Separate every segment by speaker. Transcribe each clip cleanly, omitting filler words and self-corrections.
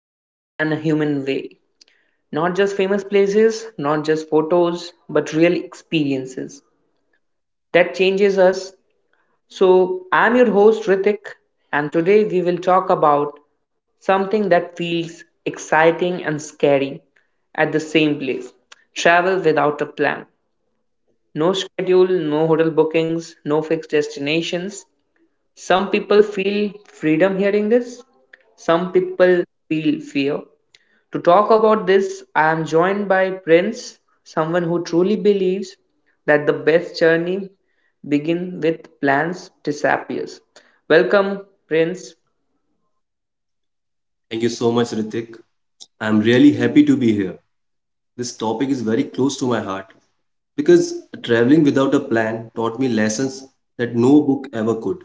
Speaker 1: honest, and a human way. Not just famous places, not just photos, but real experiences that changes us. So, I'm your host, Ritik, and today we will talk about something that feels exciting and scary at the same place travel without a plan. No schedule, no hotel bookings, no fixed destinations. Some people feel freedom hearing this. Some people feel fear. To talk about this, I am joined by Prince, someone who truly believes that the best journey begins with plans disappears. Welcome, Prince.
Speaker 2: Thank you so much, Ritik. I'm really happy to be here. This topic is very close to my heart because traveling without a plan taught me lessons that no book ever could.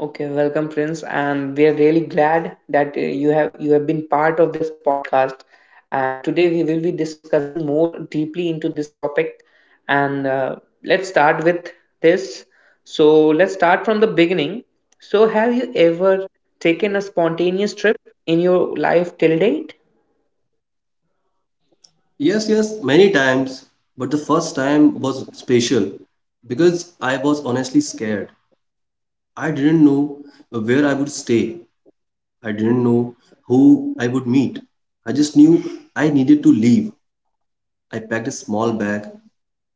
Speaker 1: Okay, welcome, Prince, and we are really glad that you have been part of this podcast. And today we will be discussing more deeply into this topic. And Let's start with this. So let's start from the beginning. So have you ever taken a spontaneous trip in your life till date?
Speaker 2: Yes, yes, many times, but the first time was special because I was honestly scared. I didn't know where I would stay, I didn't know who I would meet. I just knew I needed to leave. I packed a small bag,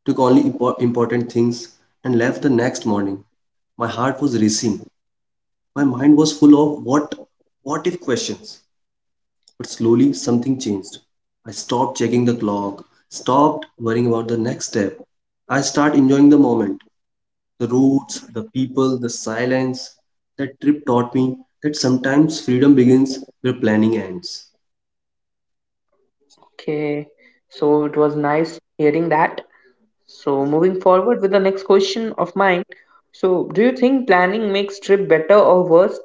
Speaker 2: took only important things, and left the next morning. My heart was racing. My mind was full of what if questions. But slowly something changed. I stopped checking the clock, stopped worrying about the next step. I started enjoying the moment, the roads, the people, the silence. That trip taught me that sometimes freedom begins where planning ends.
Speaker 1: Okay, so it was nice hearing that. So moving forward with the next question of mine. So do you think planning makes trip better or worse?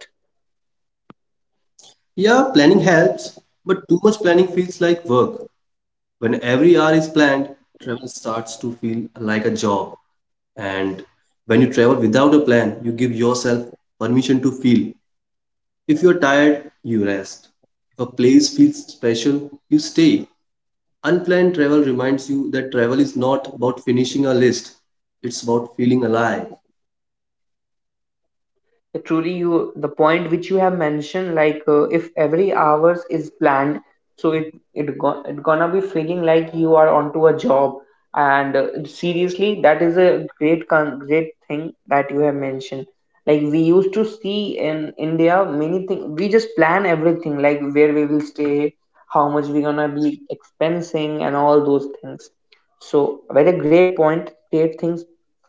Speaker 2: Yeah, planning helps, but too much planning feels like work. When every hour is planned, travel starts to feel like a job. And when you travel without a plan, you give yourself permission to feel. If you're tired, you rest. If a place feels special, you stay. Unplanned travel reminds you that travel is not about finishing a list, it's about feeling alive.
Speaker 1: Truly you the point which you have mentioned like, if every hours is planned, so it gonna be feeling like you are onto a job. And seriously that is a great thing that you have mentioned, like we used to see in India many things. We just plan everything, like where we will stay, how much we're gonna be expensing and all those things. So, very great point, great things,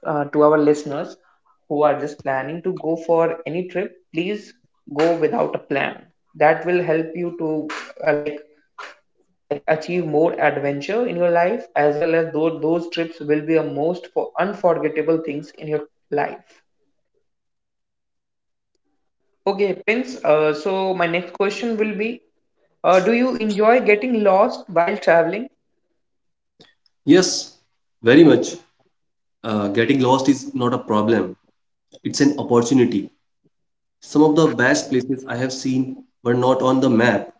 Speaker 1: to our listeners who are just planning to go for any trip. Please go without a plan. That will help you to, uh, like like achieve more adventure in your life, as well as those trips will be a most for unforgettable things in your life. Okay, Prince. So my next question will be: Do you enjoy getting lost while traveling?
Speaker 2: Yes, very much. Getting lost is not a problem, it's an opportunity. Some of the best places I have seen were not on the map.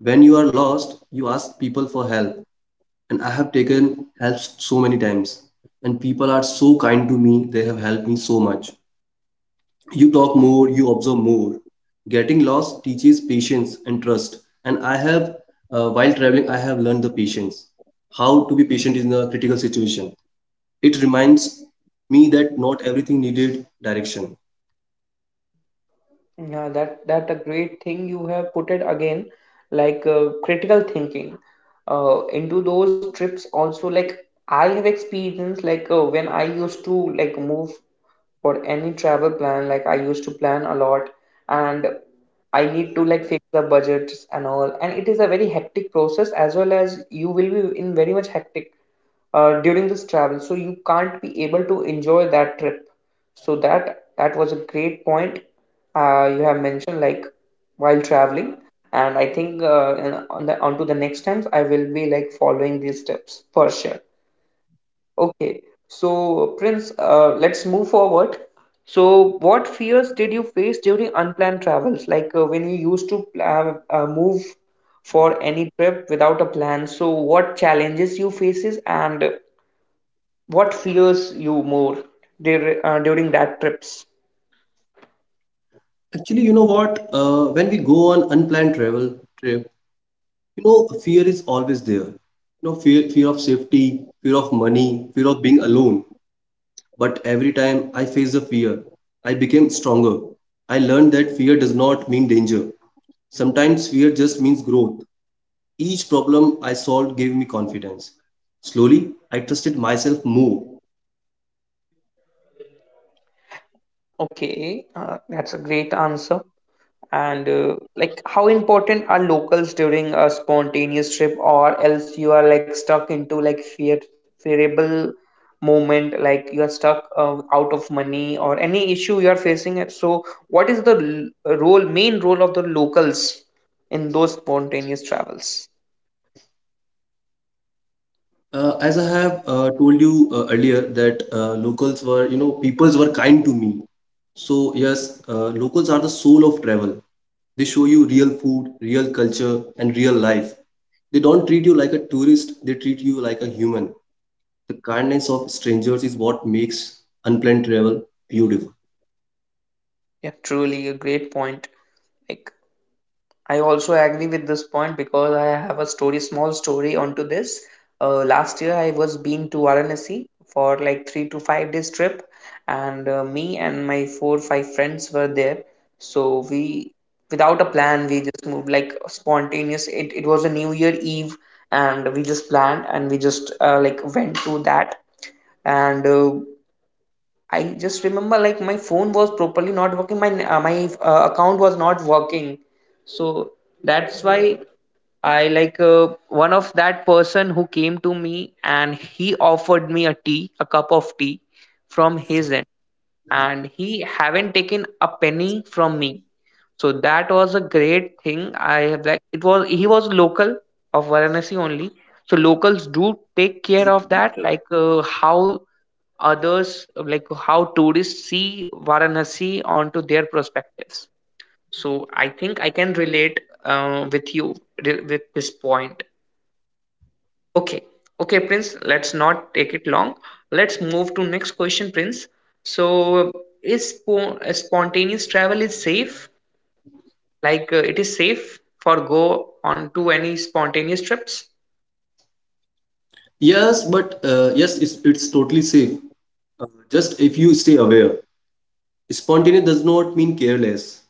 Speaker 2: When you are lost, you ask people for help, and I have taken help so many times. And people are so kind to me, they have helped me so much. You talk more, you observe more. Getting lost teaches patience and trust. And I have, while traveling, I have learned the patience, how to be patient in a critical situation. It reminds me that not everything needed direction.
Speaker 1: Yeah, that a great thing you have put it again, like, critical thinking, into those trips also. Like I have experienced like, when I used to like move for any travel plan, like I used to plan a lot, and I need to like fix the budgets and all, and it is a very hectic process, as well as you will be in very much hectic during this travel, so you can't be able to enjoy that trip. So that was a great point you have mentioned, like while traveling. And I think, on the onto the next times I will be like following these steps for sure. Okay, so Prince, let's move forward. So what fears did you face during unplanned travels, like, when you used to move for any trip without a plan, so what challenges you faces and what fears you more during that trips?
Speaker 2: Actually, you know what? When we go on unplanned travel trip, you know, fear is always there. You know, fear of safety, fear of money, fear of being alone. But every time I faced the fear, I became stronger. I learned that fear does not mean danger. Sometimes fear just means growth. Each problem I solved gave me confidence. Slowly, I trusted myself more.
Speaker 1: Okay, that's a great answer. And, like, how important are locals during a spontaneous trip, or else you are like stuck into like fear, fearable moment, like you are stuck out of money or any issue you are facing. It. So, what is role, main role of the locals in those spontaneous travels?
Speaker 2: As I have told you earlier that locals were, you know, peoples were kind to me. So yes, locals are the soul of travel. They show you real food, real culture, and real life. They don't treat you like a tourist, they treat you like a human. The kindness of strangers is what makes unplanned travel beautiful.
Speaker 1: Yeah, truly a great point. Like. I also agree with this point because I have a story, small story onto this. Last year, I was been to Varanasi for like three to five days trip, and me and my four five friends were there. So we, without a plan, we just moved like spontaneous. It was a New Year Eve, and we just planned and we just, like, went to that and. I just remember like my phone was properly not working. My account was not working, so that's why I like, one of that person who came to me and he offered me a tea, a cup of tea from his end, and he haven't taken a penny from me. So that was a great thing. I have like it was he was local of Varanasi only. So locals do take care of that, like, how others like how tourists see Varanasi onto their perspectives. So I think I can relate with you with this point. Okay, okay, Prince. Let's not take it long. Let's move to next question, Prince. So is spontaneous travel is safe? Like, it is safe for go on to any spontaneous trips?
Speaker 2: Yes, but yes, it's totally safe. Just if you stay aware. Spontaneous does not mean careless.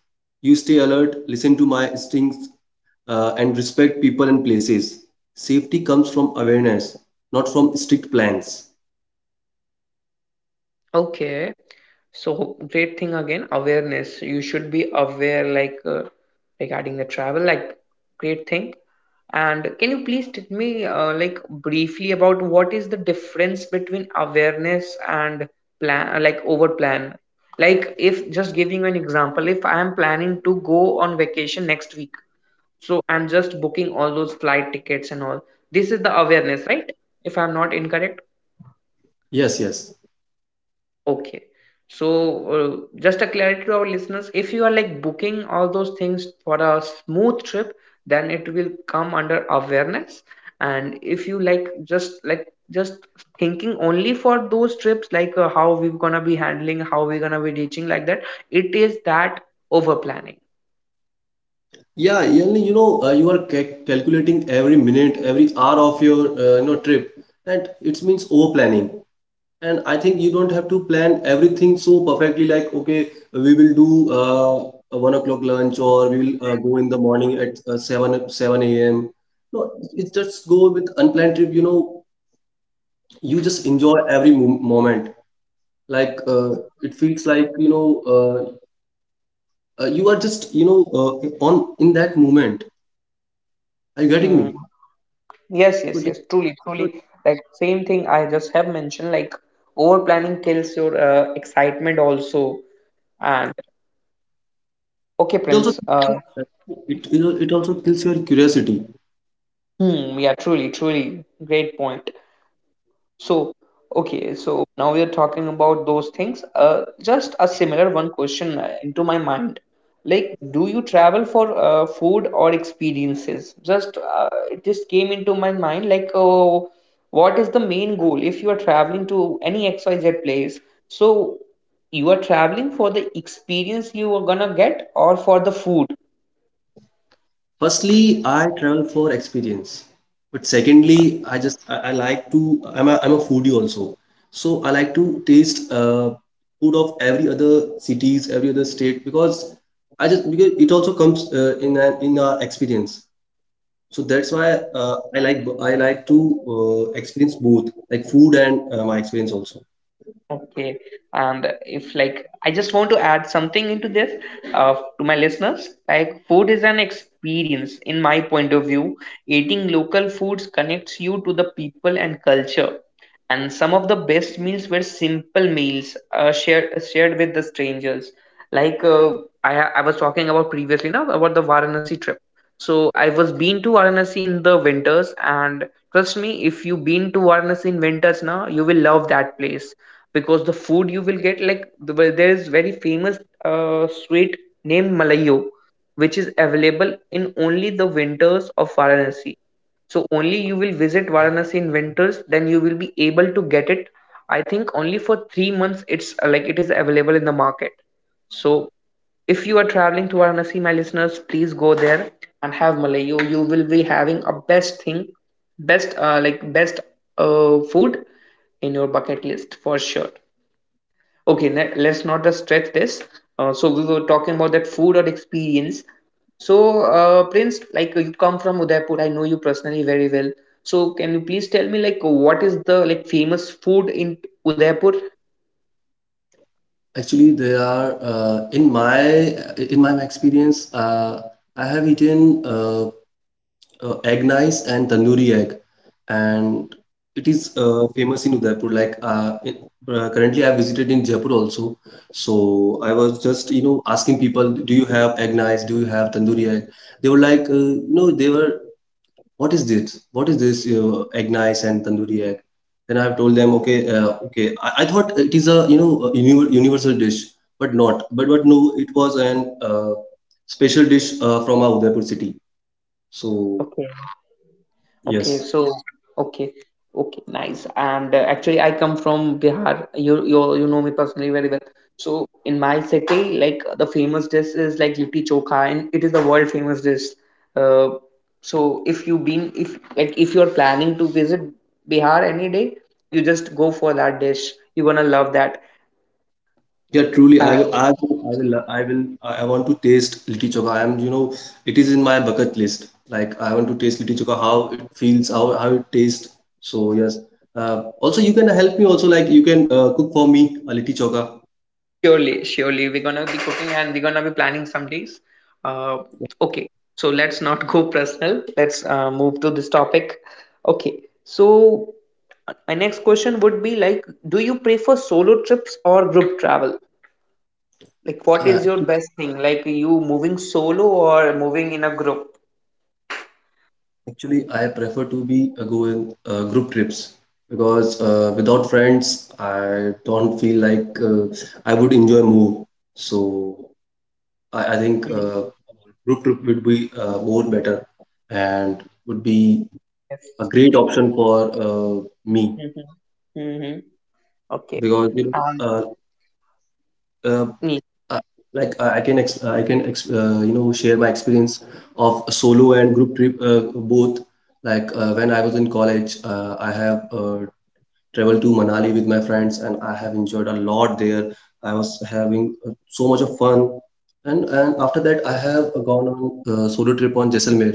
Speaker 2: You stay alert, listen to my instincts, and respect people and places. Safety comes from awareness, not from strict plans.
Speaker 1: Okay. So great thing again, awareness. You should be aware, like, regarding the travel, like great thing. And can you please tell me, like briefly about what is the difference between awareness and plan, like over plan? Like if just giving you an example, if I am planning to go on vacation next week, so I'm just booking all those flight tickets and all. This is the awareness, right? If I'm not incorrect.
Speaker 2: Yes, yes.
Speaker 1: Okay. So, just a clarity to our listeners, if you are like booking all those things for a smooth trip, then it will come under awareness. And if you like just thinking only for those trips, like, how we're gonna be handling, how we're gonna be reaching, like that, it is that over planning.
Speaker 2: Yeah, only you know, you are calculating every minute, every hour of your you know trip, and it means over planning. And I think you don't have to plan everything so perfectly, like, okay, we will do a 1 o'clock lunch or we will go in the morning at 7 a.m. No, it just go with unplanned trip, you know, you just enjoy every mo moment. Like, it feels like, you are just, on in that moment. Are you getting
Speaker 1: Hmm.
Speaker 2: me?
Speaker 1: Yes,
Speaker 2: So,
Speaker 1: yes,
Speaker 2: just,
Speaker 1: yes. Truly,
Speaker 2: so
Speaker 1: truly. Like same thing I just have mentioned. Like over planning kills your excitement also. And okay,
Speaker 2: it also,
Speaker 1: Prince.
Speaker 2: it also kills your curiosity.
Speaker 1: Hmm, yeah, truly, truly. Great point. So, okay, so now we are talking about those things. Just a similar one question into my mind. Like, do you travel for food or experiences? Just, it just came into my mind. Like, oh, what is the main goal if you are traveling to any XYZ place? So, you are traveling for the experience you are gonna get or for the food?
Speaker 2: Firstly, I travel for experience. But secondly, I'm a foodie also. So I like to taste food of every other cities, every other state because I just because it also comes in our experience. So that's why I like to experience both like food and my experience also.
Speaker 1: Okay, and if like I just want to add something into this, to my listeners, like food is an experience. In my point of view, eating local foods connects you to the people and culture. And some of the best meals were simple meals, shared with the strangers. Like, I was talking about previously now about the Varanasi trip. So I was been to Varanasi in the winters, and trust me, if you been to Varanasi in winters now, you will love that place because the food you will get like well, there is very famous sweet named malayo, which is available in only the winters of Varanasi. So only you will visit Varanasi in winters, then you will be able to get it. I think only for 3 months it's, like it is available in the market. So if you are traveling to Varanasi, my listeners, please go there and have malayo. You will be having a best thing, best, like best, food in your bucket list for sure. Okay, let's not just stretch this. Uh, so we were talking about that food or experience. So, Prince, like you come from Udaipur, I know you personally very well. So can you please tell me like what is the like famous food in Udaipur?
Speaker 2: Actually, there are in my experience, I have eaten egg nice and tandoori egg, and it is famous in Udaipur like currently I visited in Jaipur also. So I was just, you know, asking people, do you have egg nice, do you have tandoori egg? They were like, you know, they were, what is this egg nice and tandoori egg? Then I've told them, okay, okay, I thought it is, a you know, a universal dish, but not but but no, it was an uh, special dish from our Udaipur city. So
Speaker 1: Okay,
Speaker 2: yes.
Speaker 1: so okay, okay, nice. And, actually, I come from Bihar. You know me personally very well. So in my city, like the famous dish is like litti chokha, and it is the world famous dish. Uh, so if you been if like if you're planning to visit Bihar any day, you just go for that dish. You're gonna love that.
Speaker 2: Yeah, truly, I want to taste litti chokha. I am, you know, it is in my bucket list. Like, I want to taste litti chokha, how it feels, how it tastes. So, yes. Also, you can help me also, like, you can cook for me a litti chokha.
Speaker 1: Surely, surely. We're gonna be cooking and we're gonna be planning some days. Uh, okay, so let's not go personal. Let's move to this topic. Okay, so my next question would be like, do you prefer solo trips or group travel? Like, what
Speaker 2: Uh,
Speaker 1: is your
Speaker 2: actu-
Speaker 1: best thing? Like, you moving solo or moving in a group?
Speaker 2: actually, I prefer to be go in group trips because without friends, I don't feel like I would enjoy more. So, I think
Speaker 1: Mhm.
Speaker 2: group trip would be more better and would be a
Speaker 1: Yes.
Speaker 2: great option for me.
Speaker 1: Mm-hmm. Mm-hmm. Okay.
Speaker 2: Because you know, uh,
Speaker 1: Um,
Speaker 2: I, like I can, ex I can ex you know, share my experience of solo and group trip both. Like when I was in college, I have traveled to Manali with my friends and I have enjoyed a lot there. I was having so much of fun. And after that, I have gone on a solo trip on Jaisalmer.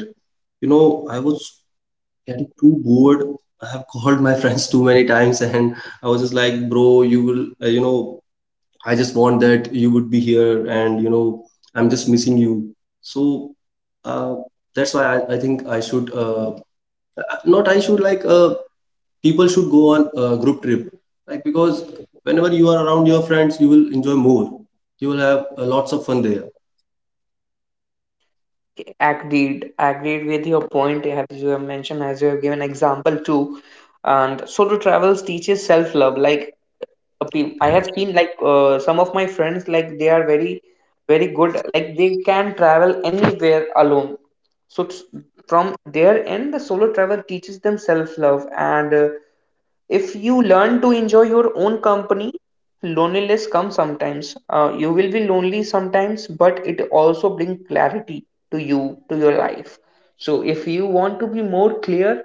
Speaker 2: You know, I was getting too bored. I have called my friends too many times, and I was just like, bro, you will, you know, I just want that you would be here and, you know, I'm just missing you. So uh, that's why I think I should, not I should like, people should go on a group trip, like, because whenever you are around your friends, you will enjoy more, you will have lots of fun there.
Speaker 1: Agreed. Agreed with your point as you have mentioned, as you have given example too. And solo travels teaches self-love. Like I have seen like, some of my friends, like they are very, very good. Like they can travel anywhere alone. So from their end, the solo travel teaches them self-love, and, if you learn to enjoy your own company, loneliness comes sometimes, you will be lonely sometimes, but it also brings clarity to you, to your life. So if you want to be more clear,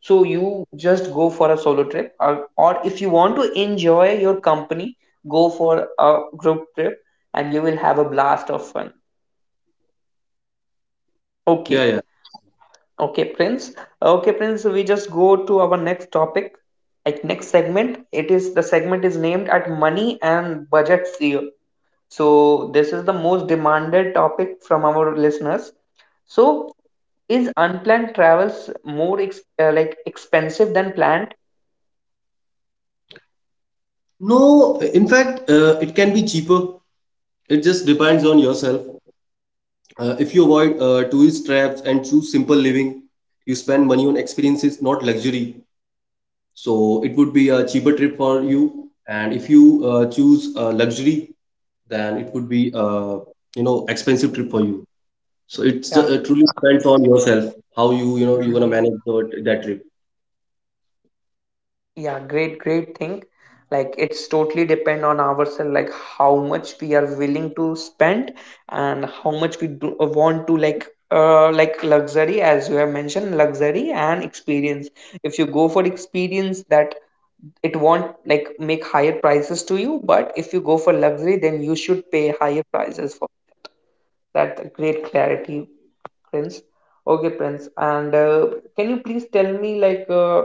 Speaker 1: so you just go for a solo trip, or if you want to enjoy your company, go for a group trip and you will have a blast of fun.
Speaker 2: Yeah,
Speaker 1: Okay.
Speaker 2: yeah.
Speaker 1: Okay, Prince. Okay, Prince, we just go to our next topic, like next segment. It is the segment is named at money and budget fear. So this is the most demanded topic from our listeners. So is unplanned travels more ex like expensive than planned?
Speaker 2: No, in fact, it can be cheaper. It just depends on yourself. If you avoid tourist traps and choose simple living, you spend money on experiences, not luxury. So it would be a cheaper trip for you. And if you choose luxury, then it would be, a you know, expensive trip for you. So it's
Speaker 1: Yeah.
Speaker 2: truly depends on yourself how you, you know, you're gonna manage that trip.
Speaker 1: Yeah, great, great thing. Like it's totally depend on ourselves, like how much we are willing to spend and how much we want to like luxury as you have mentioned luxury and experience. If you go for experience, that it won't like make higher prices to you, but if you go for luxury then you should pay higher prices for that. Great clarity, Prince. Okay, Prince. And Can you please tell me,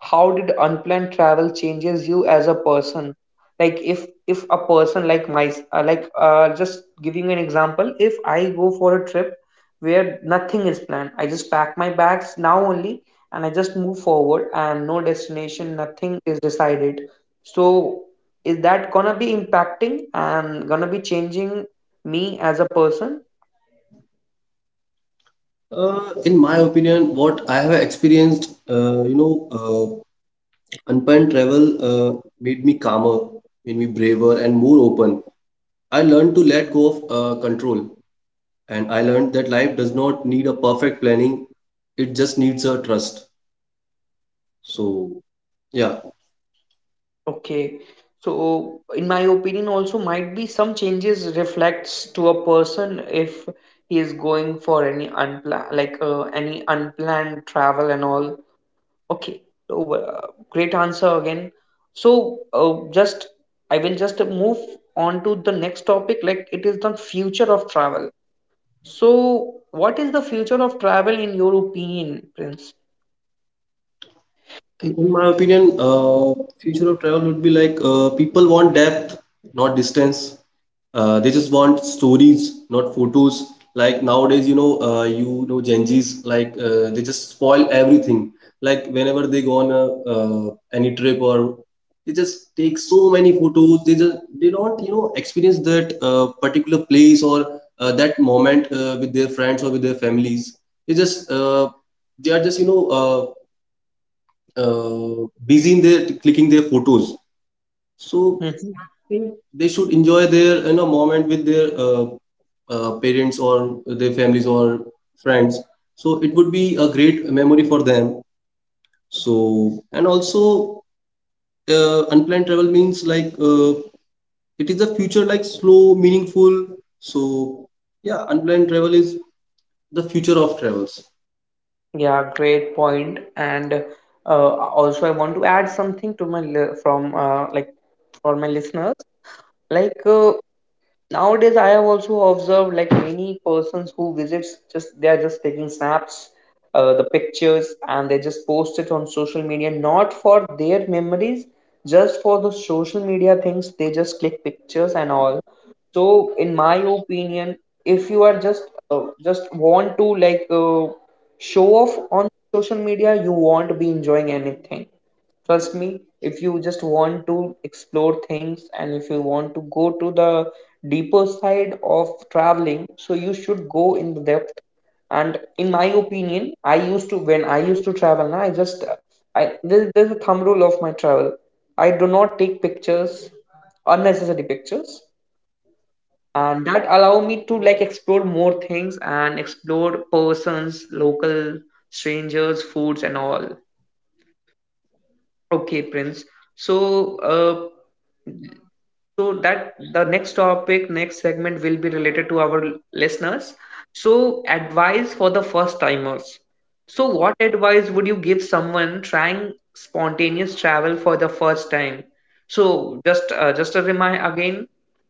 Speaker 1: how did unplanned travel changes you as a person? Like, if a person like just giving you an example, if I go for a trip where nothing is planned, I just pack my bags now only, and I just move forward, and no destination, nothing is decided. So, is that gonna be impacting and gonna be changing me as a person?
Speaker 2: In my opinion, what I have experienced, uh, unplanned travel made me calmer, made me braver, and more open. I learned to let go of control, and I learned that life does not need a perfect planning; it just needs a trust. So, yeah.
Speaker 1: Okay. So, in my opinion, also might be some changes reflects to a person if he is going for any unplanned, any unplanned travel and all. Okay. So, great answer again. So, just I will just move on to the next topic. Like it is the future of travel. So, what is the future of travel in your opinion, Prince?
Speaker 2: In my opinion, future of travel would be like, people want depth, not distance. They just want stories, not photos. Like nowadays, you know, Gen Zs, like, they just spoil everything. Like whenever they go on a, any trip, or they just take so many photos. They just they don't, you know, experience that particular place or that moment with their friends or with their families. They just, they are just, you know, busy in their clicking their photos. So think they should enjoy their, you know, moment with their parents or their families or friends, so it would be a great memory for them. So and also, unplanned travel means, like, it is the future, like, slow, meaningful. So yeah, unplanned travel is the future of travels.
Speaker 1: Yeah, great point. And uh, also, I want to add something to my li- from like for my listeners. Like uh, Nowadays, I have also observed like many persons who visits, just they are just taking snaps, the pictures, and they just post it on social media, not for their memories, just for the social media things. They just click pictures and all. So, in my opinion, if you are just want to show off on social media, you won't be enjoying anything. Trust me, if you just want to explore things and if you want to go to the deeper side of traveling, so you should go in the depth. And in my opinion, I used to, when I used to travel na, I there's a thumb rule of my travel. I do not take pictures, unnecessary pictures, and that allow me to like explore more things and explore persons, local, strangers, foods and all. Okay, Prince. So uh, so that the next topic, next segment will be related to our listeners. So advice for the first timers. So what advice would you give someone trying spontaneous travel for the first time? So just a remind again,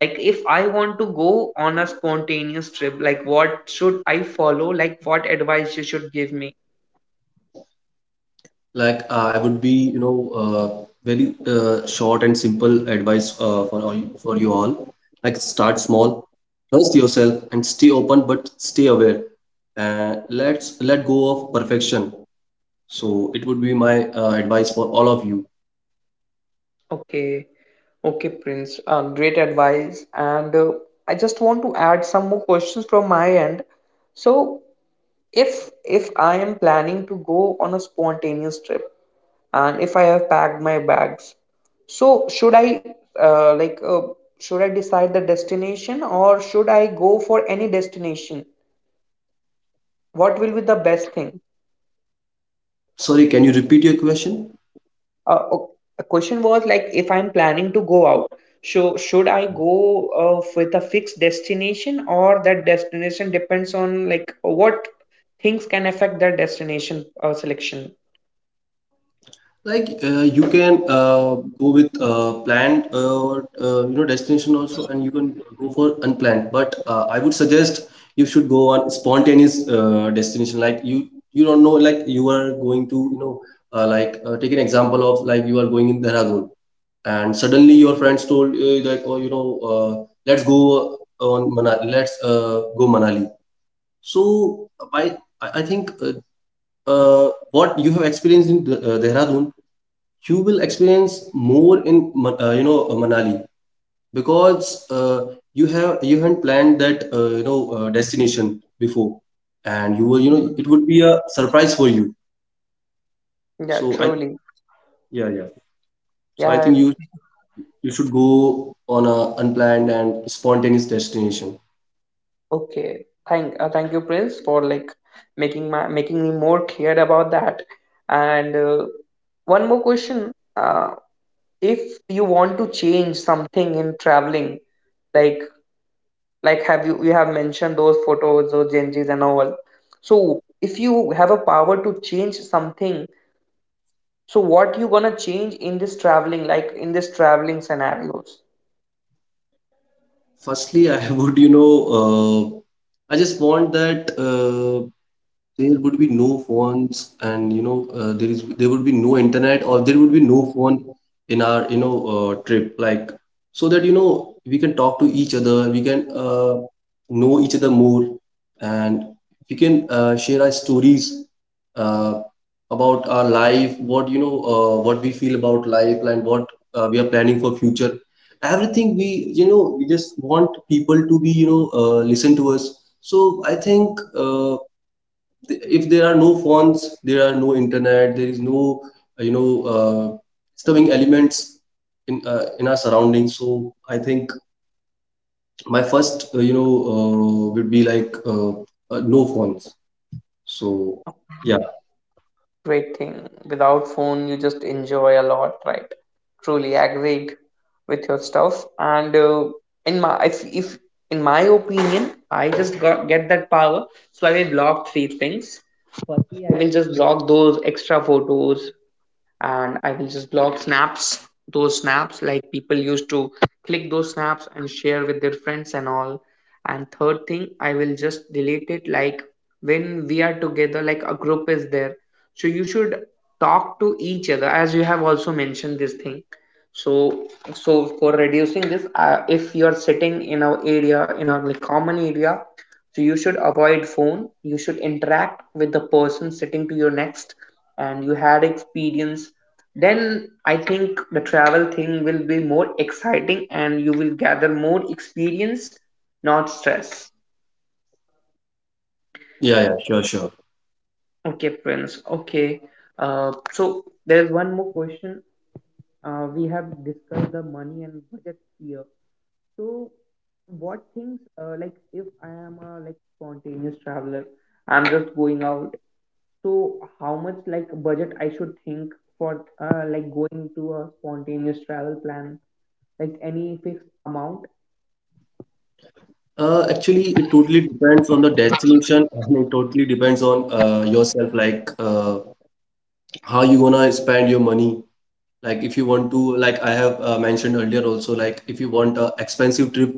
Speaker 1: like if I want to go on a spontaneous trip, like what should I follow, like what advice you should give me.
Speaker 2: Like, I would be, you know, uh, very short and simple advice for for you all, like start small, trust yourself and stay open but stay aware, and let's let go of perfection. So it would be my advice for all of you.
Speaker 1: Okay, okay, Prince. Great advice. And I just want to add some more questions from my end. So, if I am planning to go on a spontaneous trip, and if I have packed my bags, so should I uh, like uh, should I decide the destination or should I go for any destination? What will be the best thing?
Speaker 2: Sorry, can you repeat your question?
Speaker 1: Uh, o- the question was, like if I'm planning to go out, so should I go with a fixed destination, or that destination depends on like what things can affect that destination selection?
Speaker 2: Like, you can go with planned, or you know, destination also, and you can go for unplanned. But I would suggest you should go on spontaneous destination. Like you don't know, like you are going to, you know, like, take an example of, like, you are going in Dehradun, and suddenly your friends told, like, oh, you know, let's go on Manali, let's go Manali. So, by, I think, what you have experienced in Dehradun, you will experience more in you know, Manali, because you haven't planned that, you know, destination before, and you will, you know, it would be a surprise for you.
Speaker 1: Yeah,
Speaker 2: So I
Speaker 1: truly.
Speaker 2: yeah, yeah. So I
Speaker 1: Yeah,
Speaker 2: think you should go on a unplanned and spontaneous destination.
Speaker 1: okay. Thank you, Prince, for like making my making me more clear about that. And One more question. If you want to change something in traveling, like like have you, you have mentioned those photos, those changes and all, so if you have a power to change something, so what you gonna change in this traveling, like in this traveling scenarios?
Speaker 2: Firstly, I uh, I just want that there would be no phones, and there would be no internet, or there would be no phone in our, trip. Like so that we can talk to each other, we can know each other more, and we can share our stories uh, about our life, what we feel about life, and what we are planning for future. Everything we you know, we just want people to be listen to us. So I think if there are no phones, there are no internet, there is no uh, you know uh, disturbing elements in in our surroundings. So I think my first would be like no phones. So yeah,
Speaker 1: Great thing. Without phone you just enjoy a lot, right? Truly agreed with your stuff. And in my if in my opinion, I just got get that power, so I will block three things. Firstly, I will just block those extra photos, and I will just blog snaps, those snaps like people used to click those snaps and share with their friends and all. And third thing, I will just delete it, like when we are together, like a group is there. So you should talk to each other as you have also mentioned this thing. So for reducing this, if you are sitting in a area, in a like, common area, so you should avoid phone. You should interact with the person sitting to your next and you had experience, then I think the travel thing will be more exciting and you will gather more experience, not stress.
Speaker 2: yeah, yeah, sure, sure.
Speaker 1: Okay, Prince. Okay. So there's one more question. We have discussed the money and budget here. So what things, like if I am a like spontaneous traveler, I'm just going out, so how much like budget I should think for like going to a spontaneous travel plan, like any fixed amount?
Speaker 2: Actually, it totally depends on the destination and it totally depends on yourself, like how you gonna spend your money. Like if you want to, like I have mentioned earlier also, like if you want a expensive trip,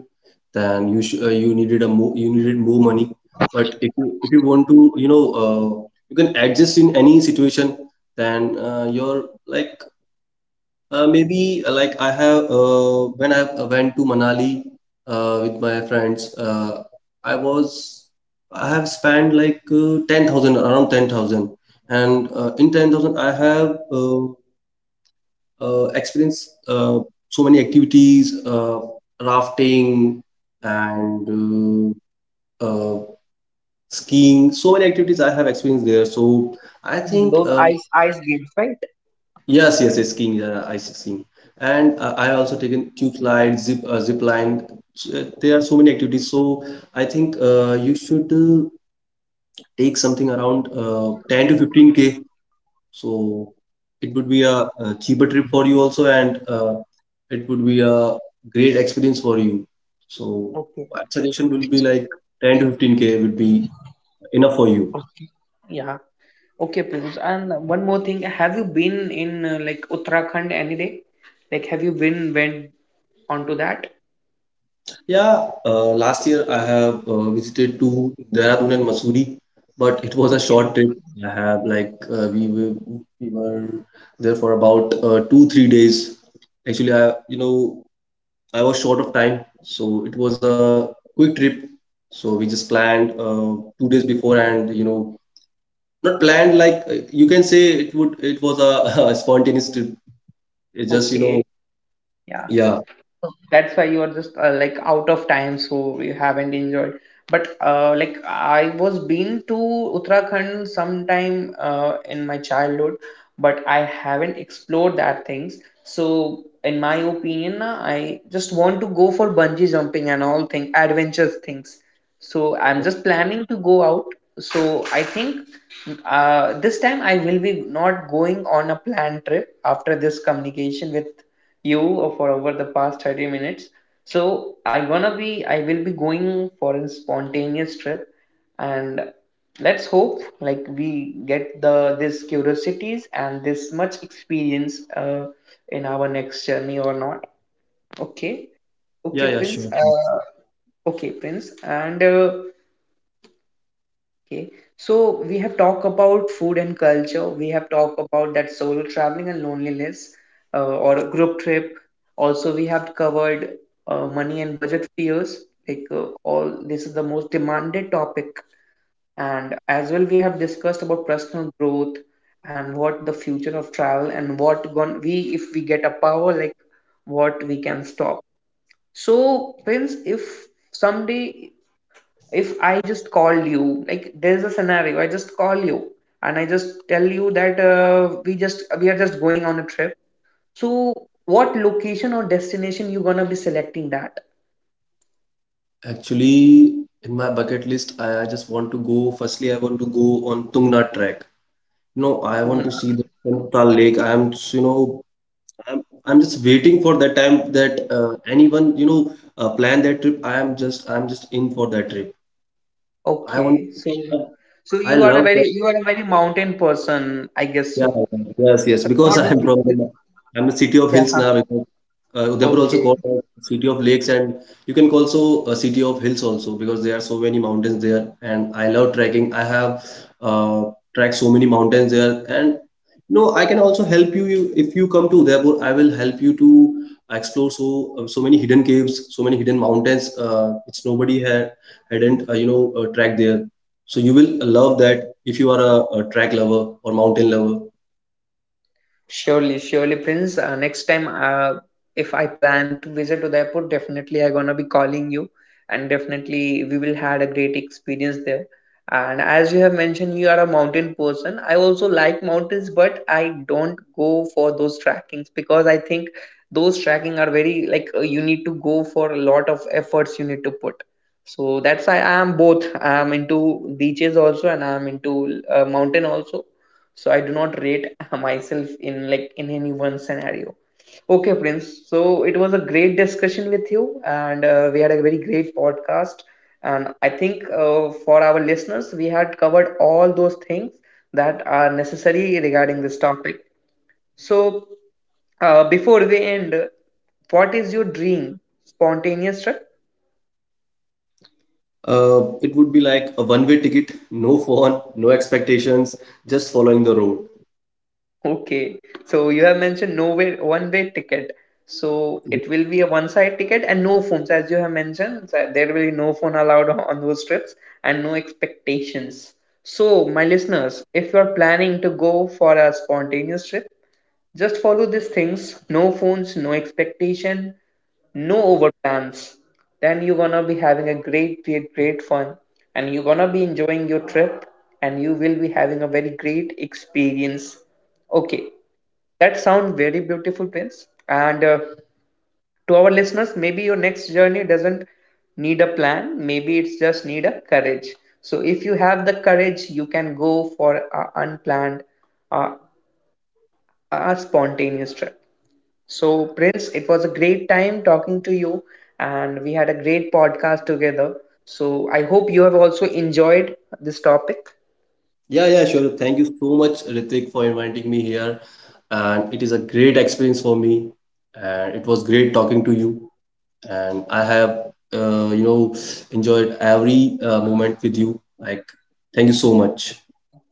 Speaker 2: then you sh you needed a more you needed more money. But if you want to, you can adjust in any situation, then your like maybe like I have, when I went to Manali with my friends, I was I have spent like 10,000, around 10,000. And in 10,000 I have experienced so many activities, rafting and uh, uh, skiing, so many activities I have experienced there. So I
Speaker 1: Mm,
Speaker 2: think.
Speaker 1: those ice games, right?
Speaker 2: Yes, yes, yes, skiing, yeah, ice skiing. And I also taken tube slide, zip line. There are so many activities. So I think you should take something around 10 to 15K. So it would be a cheaper trip for you also, and it would be a great experience for you. So
Speaker 1: Okay.
Speaker 2: my suggestion will be like 10 to 15K would be enough for you.
Speaker 1: Okay. Yeah. Okay, Piyush. And one more thing, have you been in like Uttarakhand any day? Like, have you been went onto that?
Speaker 2: Yeah, last year I have visited to Dehradun and Mussoorie, but it was a
Speaker 1: Okay.
Speaker 2: short trip. I have like we were there for about 2 3 days. Actually, I you know I was short of time, so it was a quick trip. So we just planned 2 days before, and not planned, like you can say it was a, a spontaneous trip. It just, you know.
Speaker 1: Okay. Yeah.
Speaker 2: Yeah,
Speaker 1: That's why you are just like out of time, so you haven't enjoyed. But like I was been to Uttarakhand sometime in my childhood, but I haven't explored that things. So in my opinion, I just want to go for bungee jumping and all thing, adventures things. So I'm just planning to go out. So I think this time I will be not going on a planned trip after this communication with you for over the past 30 minutes. So I will be going for a spontaneous trip, and let's hope like we get the this curiosities and this much experience in our next journey or not. Okay. Okay,
Speaker 2: yeah, yeah,
Speaker 1: Prince.
Speaker 2: sure.
Speaker 1: Okay, Prince. And Okay, so we have talked about food and culture. We have talked about that solo traveling and loneliness or a group trip. Also, we have covered money and budget fears. This is the most demanded topic. And as well, we have discussed about personal growth and what the future of travel, and what gon we if we get a power like what we can stop. So, Prince, if someday if I just call you, like there's a scenario, I just call you and I just tell you that we are just going on a trip. So what location or destination you gonna be selecting that?
Speaker 2: Actually, in my bucket list, I just want to go. Firstly, I want to go on Tungnath trek. You know, I want to
Speaker 1: Tungna.
Speaker 2: see the Central Lake. I'm, s- you know, I'm just waiting for that time that anyone, plan that trip. I'm just in for that trip. I want.
Speaker 1: Okay, so
Speaker 2: I
Speaker 1: you are a
Speaker 2: love
Speaker 1: very,
Speaker 2: that.
Speaker 1: you are a very mountain person, I guess
Speaker 2: Yeah,
Speaker 1: so.
Speaker 2: yes, yes. Because
Speaker 1: Not a
Speaker 2: I'm
Speaker 1: big-
Speaker 2: from
Speaker 1: big-
Speaker 2: the, I'm the city of
Speaker 1: yeah.
Speaker 2: hills now. Because Udaipur also
Speaker 1: Okay.
Speaker 2: called as city of lakes, and you can call also a city of hills also because there are so many mountains there. And I love trekking. I have uh, tracked so many mountains there, and I can also help you, if you come to Udaipur. I will help you to explore so many hidden caves, so many hidden mountains which nobody hadn't tracked there. So you will love that if you are a track lover or mountain lover.
Speaker 1: Surely, surely, Prince. Next time, if I plan to visit to the airport, definitely I'm gonna be calling you, and definitely we will had a great experience there. And as you have mentioned, you are a mountain person. I also like mountains, but I don't go for those trackings because I think those tracking are very you need to go for a lot of efforts you need to put. So that's why I am both. I am into beaches also, and I am into mountain also. So I do not rate myself in like in any one scenario. Okay, Prince. So it was a great discussion with you, and we had a very great podcast. And I think for our listeners we had covered all those things that are necessary regarding this topic. So before we end, what is your dream spontaneous trip?
Speaker 2: It would be like a one-way ticket, no phone, no expectations, just following the road.
Speaker 1: Okay, so you have mentioned no way, one way ticket. So it will be a one side ticket and no phones, as you have mentioned. So there will be no phone allowed on those trips and no expectations. So, my listeners, if you are planning to go for a spontaneous trip, just follow these things: no phones, no expectation, no over plans. Then you're gonna be having a great, great, great fun, and you're gonna be enjoying your trip, and you will be having a very great experience. Okay, that sounds very beautiful, Prince. And To our listeners, maybe your next journey doesn't need a plan, maybe it's just need a courage. So, if you have the courage, you can go for an unplanned, uh, a spontaneous trip. So, Prince, it was a great time talking to you, and we had a great podcast together. So, I hope you have also enjoyed this topic.
Speaker 2: Yeah, yeah, sure. Thank you so much, Ritik, for inviting me here. And it is a great experience for me. And it was great talking to you. And I have, uh, you know, enjoyed every moment with you. Like, thank you so much.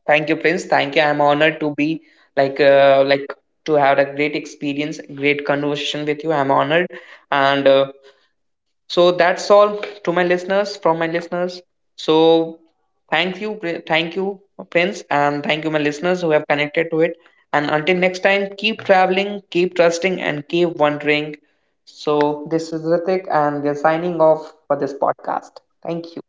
Speaker 1: Thank you, Prince. Thank you. I'm honored to be like to have a great experience, great conversation with you. I'm honored, and So that's all to my listeners, from my listeners. So thank you, Pri- thank you, Prince, and thank you, my listeners who have connected to it. And until next time, keep traveling, keep trusting, and keep wondering. So this is Ritik, and we are signing off for this podcast. Thank you.